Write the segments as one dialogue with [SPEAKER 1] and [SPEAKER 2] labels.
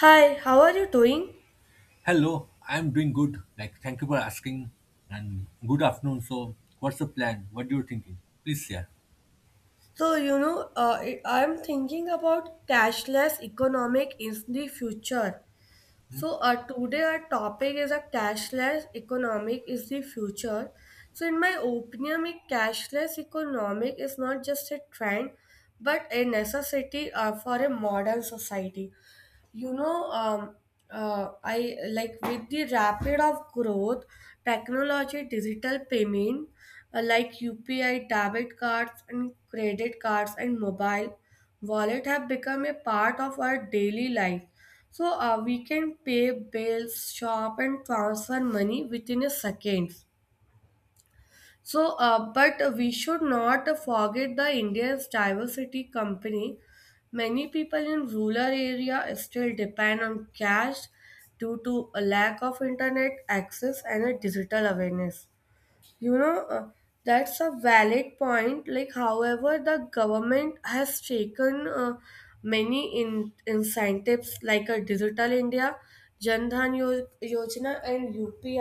[SPEAKER 1] Hi, how are you doing?
[SPEAKER 2] Hello, I'm doing good. Thank you for asking. And good afternoon. So, what's the plan? What you're thinking? Please share.
[SPEAKER 1] I'm thinking about cashless economic in the future. So, today our topic is a cashless economic is the future. In my opinion, a cashless economic is not just a trend, but a necessity for a modern society. you know um, I like with the rapid of growth technology digital payment, like UPI, debit cards and credit cards, and mobile wallet have become a part of our daily life. So we can pay bills, shop, and transfer money within a seconds. So, but we should not forget the India's diversity company. Many people in rural area still depend on cash due to a lack of internet access and a digital awareness. You know that's a valid point. Like, however, the government has taken many incentives like a Digital India, Jan Dhan Yojana, and UPI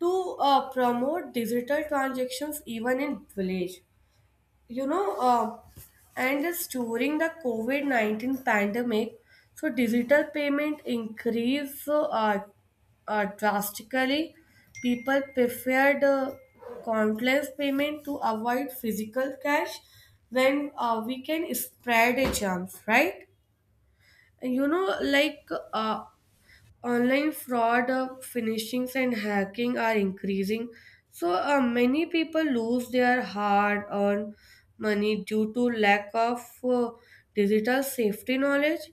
[SPEAKER 1] to promote digital transactions even in village. You know, and it's during the COVID 19 pandemic, so digital payment increased drastically. People preferred contactless payment to avoid physical cash when we can spread a germs, right? you know, like online fraud, phishing, and hacking are increasing. So many people lose their hard-earned money due to lack of digital safety knowledge.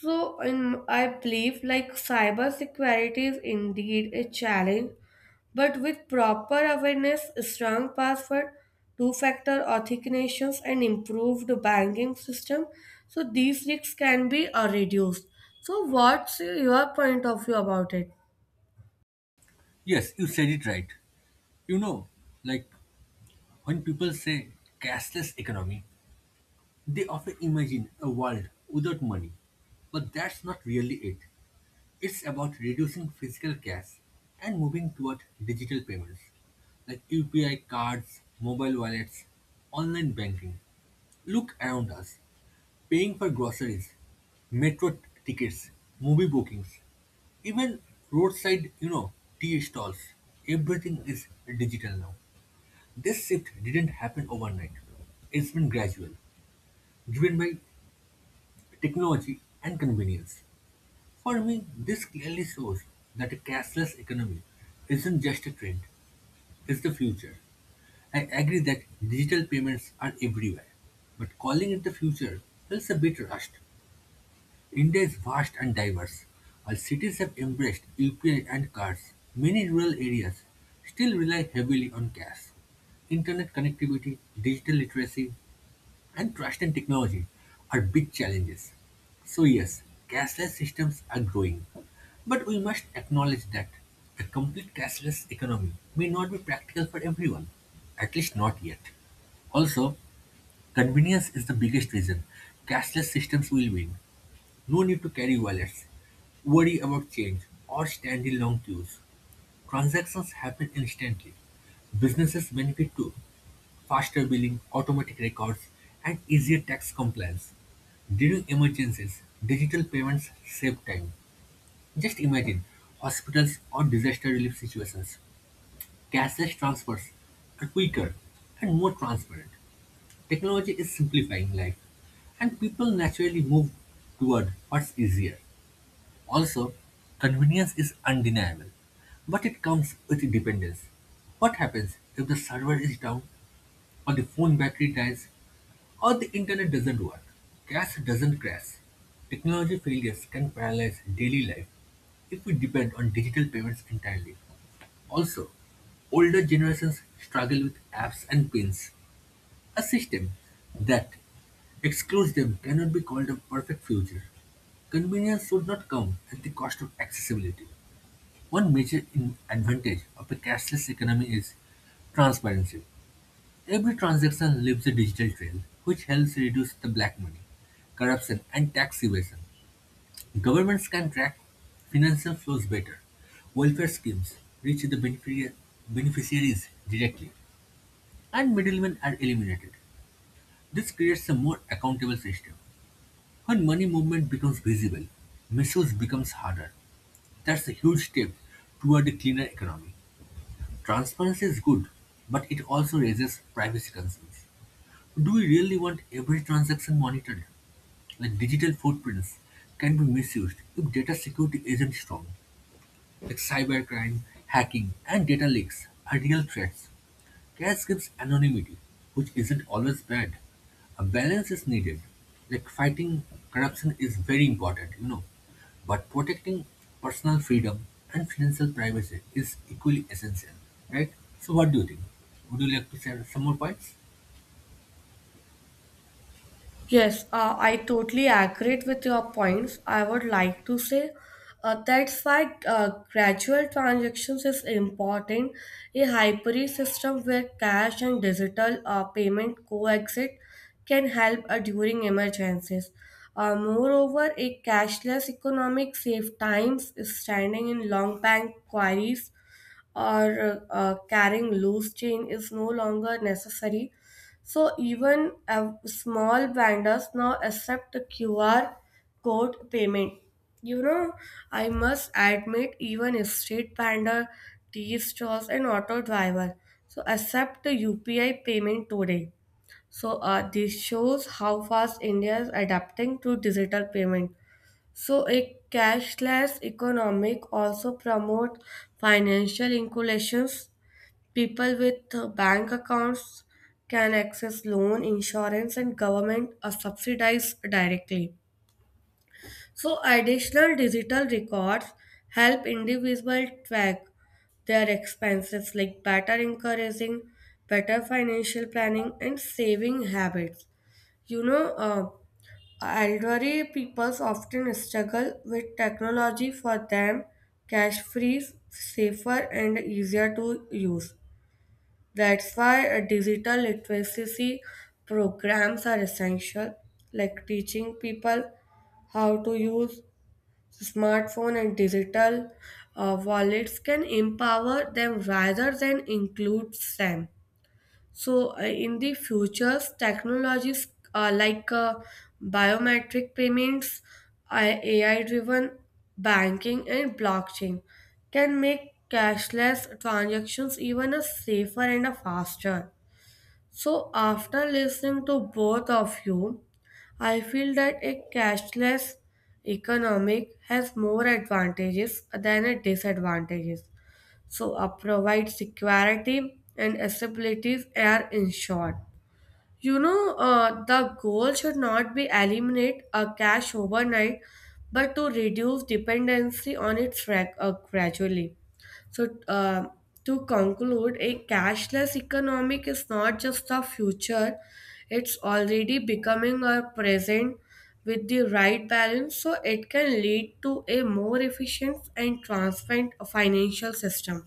[SPEAKER 1] I believe, like, cybersecurity is indeed a challenge, but with proper awareness, strong password, two-factor authentications, and improved banking system, so these risks can be reduced. So, what's your point of view about it?
[SPEAKER 2] Yes, you said it right. You know, like when people say cashless economy, they often imagine a world without money. But that's not really it. It's about reducing physical cash and moving toward digital payments like UPI cards, mobile wallets, online banking. Look around us. Paying for groceries, metro tickets, movie bookings, even roadside, you know, tea stalls, everything is digital now. This shift didn't happen overnight. It's been gradual, driven by technology and convenience. For me, this clearly shows that a cashless economy isn't just a trend, it's the future. I agree that digital payments are everywhere, but calling it the future feels a bit rushed. India is vast and diverse. While cities have embraced UPI and cards, many rural areas still rely heavily on cash. Internet connectivity, digital literacy, and trust in technology are big challenges. So, yes, cashless systems are growing. But we must acknowledge that a complete cashless economy may not be practical for everyone, at least not yet. Also, convenience is the biggest reason cashless systems will win. No need to carry wallets, worry about change, or stand in long queues. Transactions happen instantly. Businesses benefit too. Faster billing, automatic records, and easier tax compliance. During emergencies, digital payments save time. Just imagine hospitals or disaster relief situations. Cashless transfers are quicker and more transparent. Technology is simplifying life, and people naturally move toward what's easier. Also, convenience is undeniable, but it comes with dependence. What happens if the server is down, or the phone battery dies, or the internet doesn't work? Cash doesn't crash. Technology failures can paralyze daily life if we depend on digital payments entirely. Also, older generations struggle with apps and pins. A system that excludes them cannot be called a perfect future. Convenience should not come at the cost of accessibility. One major advantage of a cashless economy is transparency. Every transaction leaves a digital trail, which helps reduce the black money, corruption, and tax evasion. Governments can track financial flows better. Welfare schemes reach the beneficiaries directly, and middlemen are eliminated. This creates a more accountable system. When money movement becomes visible, misuse becomes harder. That's a huge step toward a cleaner economy. Transparency is good, but it also raises privacy concerns. Do we really want every transaction monitored? Like digital footprints can be misused if data security isn't strong. Like cybercrime, hacking, and data leaks are real threats. Cash gives anonymity, which isn't always bad. A balance is needed. Like fighting corruption is very important, but protecting personal freedom and financial privacy is equally essential, right? So, what do you think? Would you like to share some more points?
[SPEAKER 1] Yes, I totally agree with your points. I would like to say that's why gradual transactions is important. A hybrid system where cash and digital payment coexist can help during emergencies. Moreover, a cashless economic saves times standing in long bank queries or carrying loose change is no longer necessary. So even small vendors now accept the QR code payment. You know, I must admit, even a street vendor, tea stalls, and auto driver so accept the UPI payment today. So this shows how fast India is adapting to digital payment. So a cashless economic also promotes financial inclusions. People with bank accounts can access loan, insurance, and government subsidies directly. So additional digital records help individuals track their expenses, like better encouraging better financial planning and saving habits. You know. Elderly people often struggle with technology. For them, cash free is safer and easier to use. That's why digital literacy programs are essential, like teaching people how to use smartphone and digital wallets can empower them rather than include them. So, in the future, technologies uh, like uh, biometric payments, AI driven banking, and blockchain can make cashless transactions even a safer and a faster. So, after listening to both of you, I feel that a cashless economic has more advantages than a disadvantages so provide security and accessibility are ensured. You know, the goal should not be eliminate a cash overnight, but to reduce dependency on it gradually. So, to conclude, a cashless economic is not just a future; it's already becoming a present with the right balance. So it can lead to a more efficient and transparent financial system,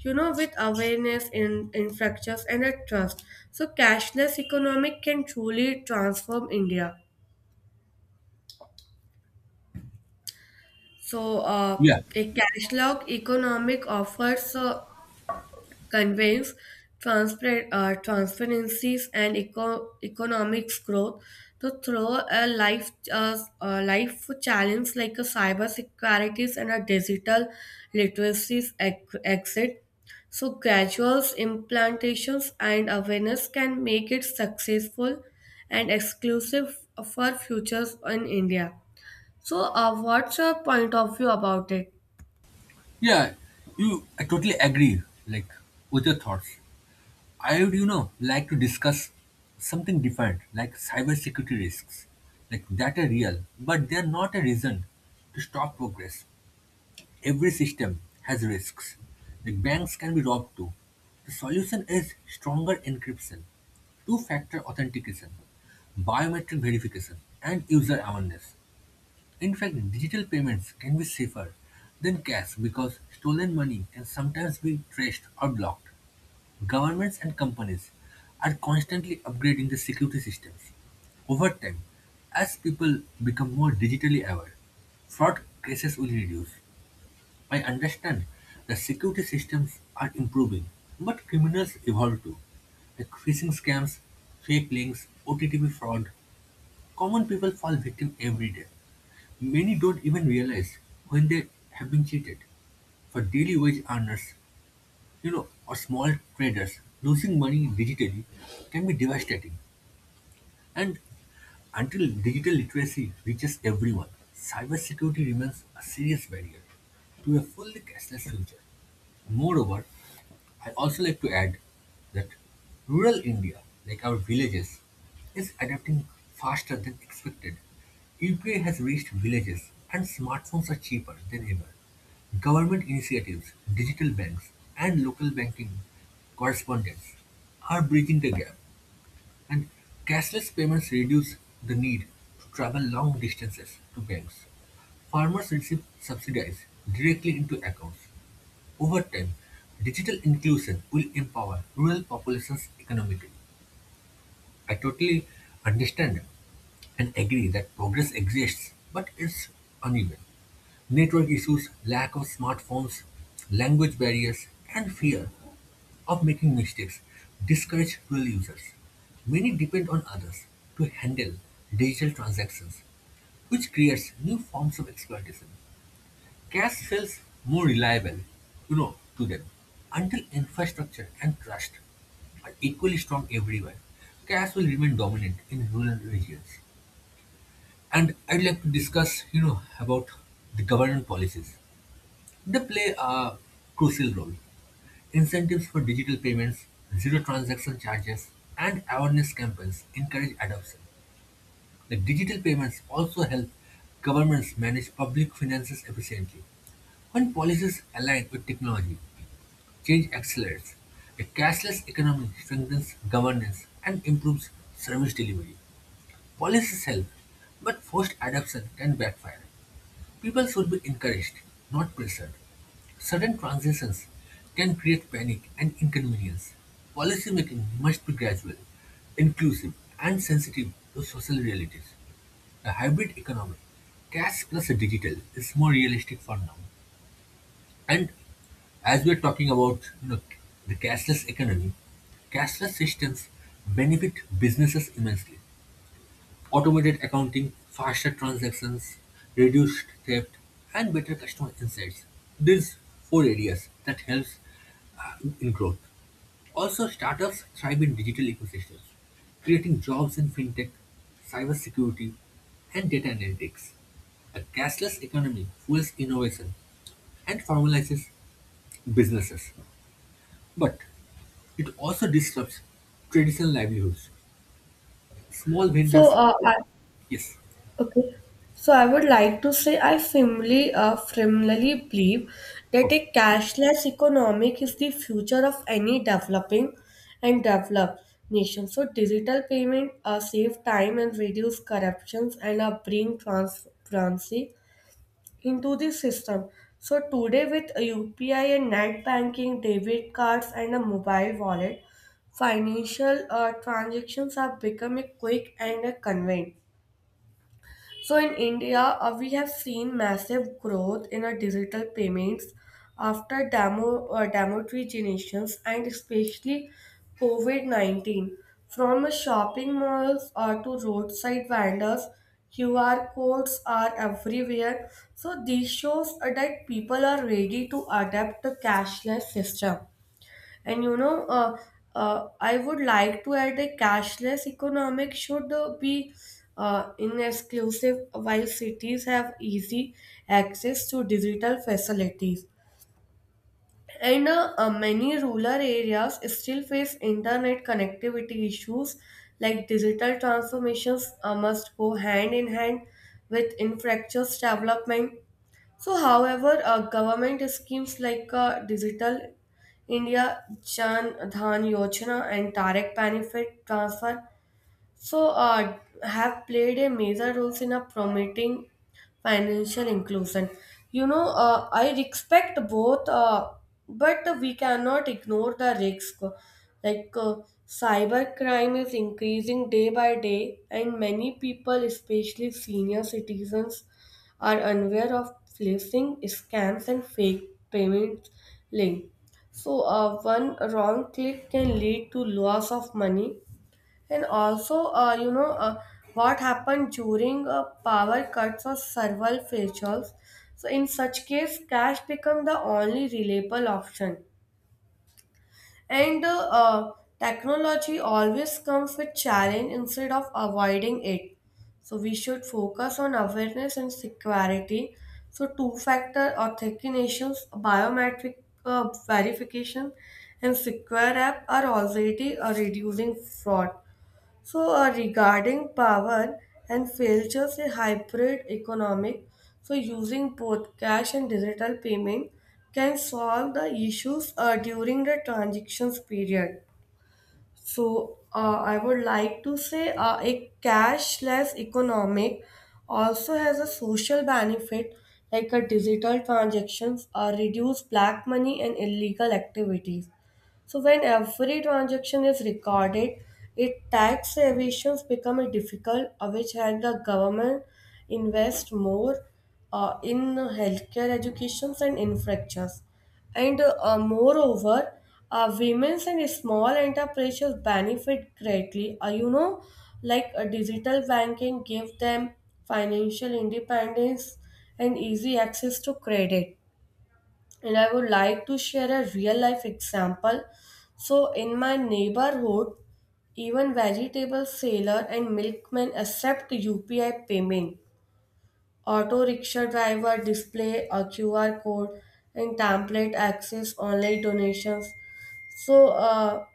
[SPEAKER 1] you know, with awareness in infrastructures and a trust. So cashless economic can truly transform India. So uh,
[SPEAKER 2] Yeah,
[SPEAKER 1] a cashless economic offers conveys transparencies and economics growth to throw a life a life challenge like a cyber securities and a digital literacies exit. So graduals implantations and awareness can make it successful and exclusive for futures in India. So what's your point of view about it?
[SPEAKER 2] yeah, you. I totally agree. Like with your thoughts. I would like to discuss something different, like cybersecurity risks, like that are real, but they're not a reason to stop progress. Every system has risks. Like banks can be robbed too. The solution is stronger encryption, two-factor authentication, biometric verification, and user awareness. In fact, digital payments can be safer than cash because stolen money can sometimes be traced or blocked. Governments and companies are constantly upgrading the security systems. Over time, as people become more digitally aware, fraud cases will reduce. I understand that security systems are improving, but criminals evolve too. Like phishing scams, fake links, OTTP fraud, common people fall victim every day. Many don't even realize when they have been cheated. For daily wage earners, or small traders, losing money digitally can be devastating. And until digital literacy reaches everyone, cybersecurity remains a serious barrier to a fully cashless future. Moreover, I also like to add that rural India, like our villages, is adapting faster than expected. UPI has reached villages and smartphones are cheaper than ever. Government initiatives, digital banks, and local banking correspondents are bridging the gap, and cashless payments reduce the need to travel long distances to banks. Farmers receive subsidies directly into accounts. Over time, digital inclusion will empower rural populations economically. I totally understand and agree that progress exists, but it's uneven. Network issues, lack of smartphones, language barriers, and fear of making mistakes discourage real users. Many depend on others to handle digital transactions, which creates new forms of exploitation. Cash feels more reliable, to them. Until infrastructure and trust are equally strong everywhere, cash will remain dominant in rural regions. And I'd like to discuss about the government policies. They play a crucial role. Incentives for digital payments, zero transaction charges, and awareness campaigns encourage adoption. The digital payments also help governments manage public finances efficiently. When policies align with technology, change accelerates; a cashless economy strengthens governance and improves service delivery. Policies help, but forced adoption can backfire. People should be encouraged, not pressured. Sudden transitions can create panic and inconvenience. Policymaking must be gradual, inclusive, and sensitive to social realities. A hybrid economy, cash plus digital, is more realistic for now. And as we're talking about the cashless economy, cashless systems benefit businesses immensely. Automated accounting, faster transactions, reduced theft, and better customer insights. These four areas that helps uh, in growth. Also, startups thrive in digital ecosystems, creating jobs in fintech, cybersecurity, and data analytics. A cashless economy fuels innovation and formalizes businesses. But it also disrupts traditional livelihoods. Small
[SPEAKER 1] So,
[SPEAKER 2] vendors,
[SPEAKER 1] uh, I,
[SPEAKER 2] yes,
[SPEAKER 1] Okay. So I would like to say I firmly, firmly believe that
[SPEAKER 2] okay,
[SPEAKER 1] a cashless economic is the future of any developing and developed nation. So digital payment save time and reduce corruptions and bring transparency into the system. So today with UPI and net banking, debit cards and a mobile wallet, financial transactions are becoming quick and convenient. So in India, we have seen massive growth in our digital payments after demotizations and especially COVID-19. From shopping malls to roadside vendors, QR codes are everywhere. So this shows that people are ready to adapt to cashless system. And I would like to add a cashless economic should be in exclusive while cities have easy access to digital facilities. And many rural areas still face internet connectivity issues, like digital transformations must go hand in hand with infrastructure development. So, however, government schemes like Digital India, Jan Dhan Yojana, and Direct Benefit Transfer, so, have played a major role in a promoting financial inclusion. You know, I respect both, but we cannot ignore the risk. Like, cyber crime is increasing day by day, and many people, especially senior citizens, are unaware of facing scams and fake payments link. So, one wrong click can lead to loss of money. And also, what happened during power cuts or server failures. So in such case, cash become the only reliable option. And technology always comes with challenge instead of avoiding it. So we should focus on awareness and security. So two-factor authentication, biometric verification, and secure app are already reducing fraud. So, regarding power and failures, a hybrid economic, so using both cash and digital payment can solve the issues during the transactions period. I would like to say a cashless economic also has a social benefit like a digital transactions reduce black money and illegal activities. So when every transaction is recorded, it tax evasions become a difficult, which help the government invest more in healthcare, educations, and infrastructures. And moreover, women's and small enterprises benefit greatly. You know, like, digital banking give them financial independence and easy access to credit. And I would like to share a real life example. So in my neighborhood, even vegetable seller and milkman accept UPI payment. Auto rickshaw driver display a QR code and template access online donations. So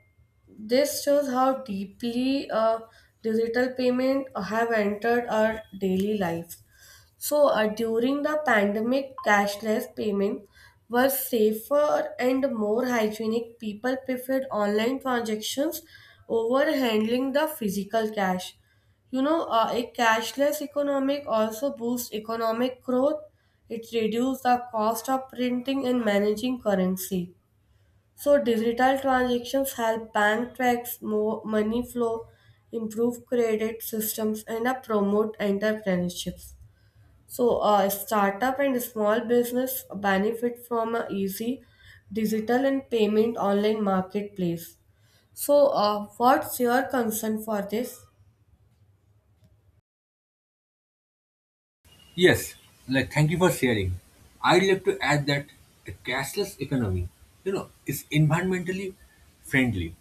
[SPEAKER 1] this shows how deeply digital payment have entered our daily life. During the pandemic, cashless payments were safer and more hygienic. People preferred online transactions over handling the physical cash. You know, a cashless economic also boosts economic growth. It reduces the cost of printing and managing currency. So digital transactions help bank tracks more money flow, improve credit systems, and promote entrepreneurships. So, startup and small business benefit from a easy digital and payment online marketplace. So, what's your concern for this?
[SPEAKER 2] yes, like thank you for sharing. I'd like to add that the cashless economy is environmentally friendly,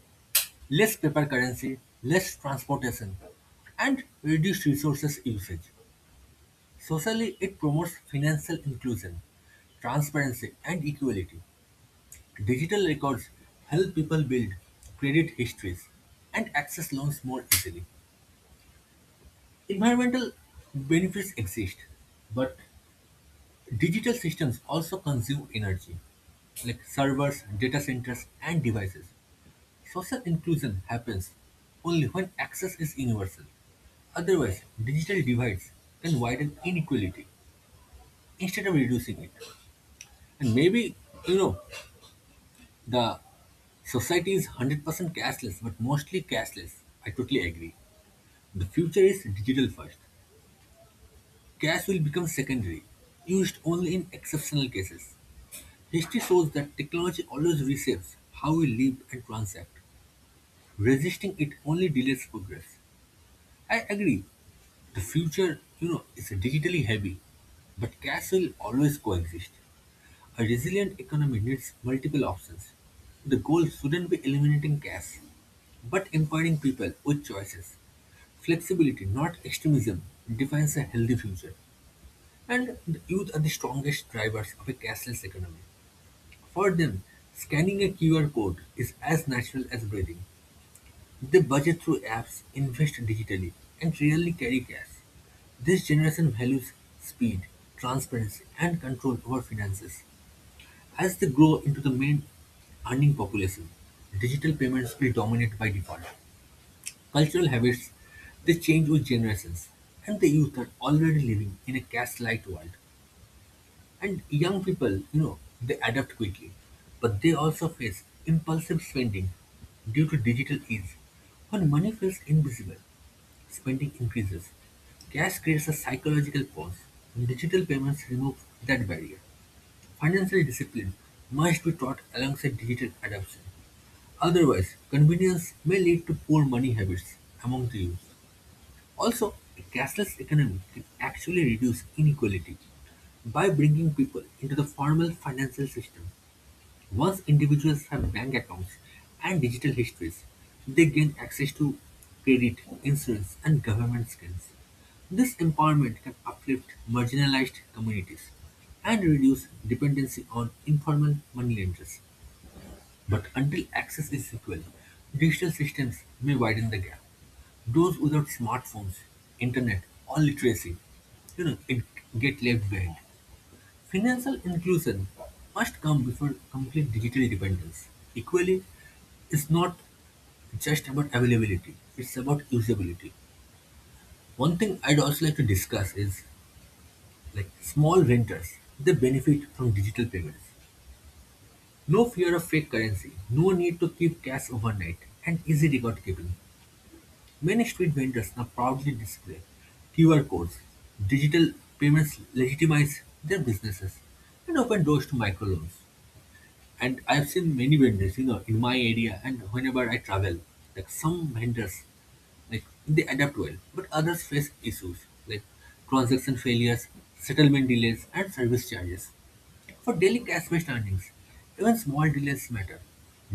[SPEAKER 2] less paper currency, less transportation, and reduced resources usage. Socially, it promotes financial inclusion, transparency, and equality. Digital records help people build credit histories and access loans more easily. Environmental benefits exist, but digital systems also consume energy, like servers, data centers, and devices. Social inclusion happens only when access is universal. Otherwise, digital divides can widen inequality instead of reducing it. And maybe, you know, the society is 100% cashless, but mostly cashless. I totally agree. The future is digital first. Cash will become secondary, used only in exceptional cases. History shows that technology always reshapes how we live and transact. Resisting it only delays progress. I agree, the future is digitally heavy, but cash will always coexist. A resilient economy needs multiple options. The goal shouldn't be eliminating cash, but empowering people with choices. Flexibility, not extremism, defines a healthy future. And the youth are the strongest drivers of a cashless economy. For them, scanning a QR code is as natural as breathing. They budget through apps, invest digitally, and rarely carry cash. This generation values speed, transparency, and control over finances. As they grow into the main earning population, digital payments will dominate by default. Cultural habits they change with generations, and the youth are already living in a cash-light world. And young people, they adapt quickly, but they also face impulsive spending due to digital ease. When money feels invisible, spending increases. Cash creates a psychological pause, and digital payments remove that barrier. Financial discipline must be taught alongside digital adoption. Otherwise, convenience may lead to poor money habits among the youth. Also, a cashless economy can actually reduce inequality. By bringing people into the formal financial system, once individuals have bank accounts and digital histories, they gain access to credit, insurance, and government schemes. This empowerment can uplift marginalized communities and reduce dependency on informal money lenders. But until access is equal, digital systems may widen the gap. Those without smartphones, internet, or literacy, it get left behind. Financial inclusion must come before complete digital dependence. Equally, it's not just about availability, it's about usability. One thing I'd also like to discuss is like small renters, they benefit from digital payments. No fear of fake currency, no need to keep cash overnight, and easy record keeping. Many street vendors now proudly display QR codes. Digital payments legitimize their businesses and open doors to microloans. And I've seen many vendors, in my area and whenever I travel, like some vendors, like they adapt well, but others face issues like transaction failures, settlement delays, and service charges. For daily cash based earnings, even small delays matter.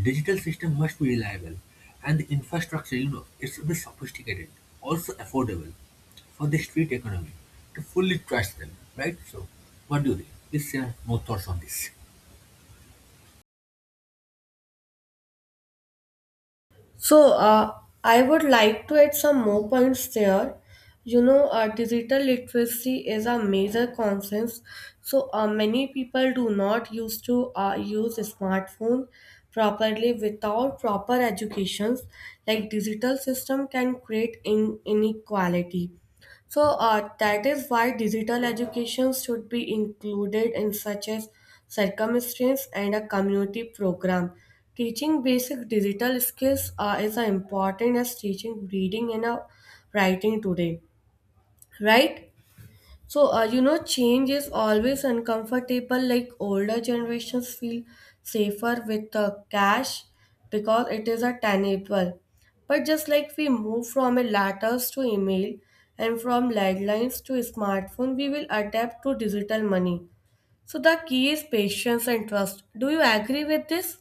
[SPEAKER 2] Digital system must be reliable, and the infrastructure it should be sophisticated, also affordable for the street economy to fully trust them, right? So, what do you think? Please share more thoughts on this.
[SPEAKER 1] So, I would like to add some more points there. You know, digital literacy is a major concern. So, many people do not used to use smartphone properly without proper educations. Like digital system can create in inequality. That is why digital education should be included in such as circumstance and a community program. Teaching basic digital skills is as important as teaching reading and writing today, right? So, you know, change is always uncomfortable. Like older generations feel safer with cash because it is a tangible. But just like we move from a letters to email and from landlines to smartphone, we will adapt to digital money. So the key is patience and trust. Do you agree with this?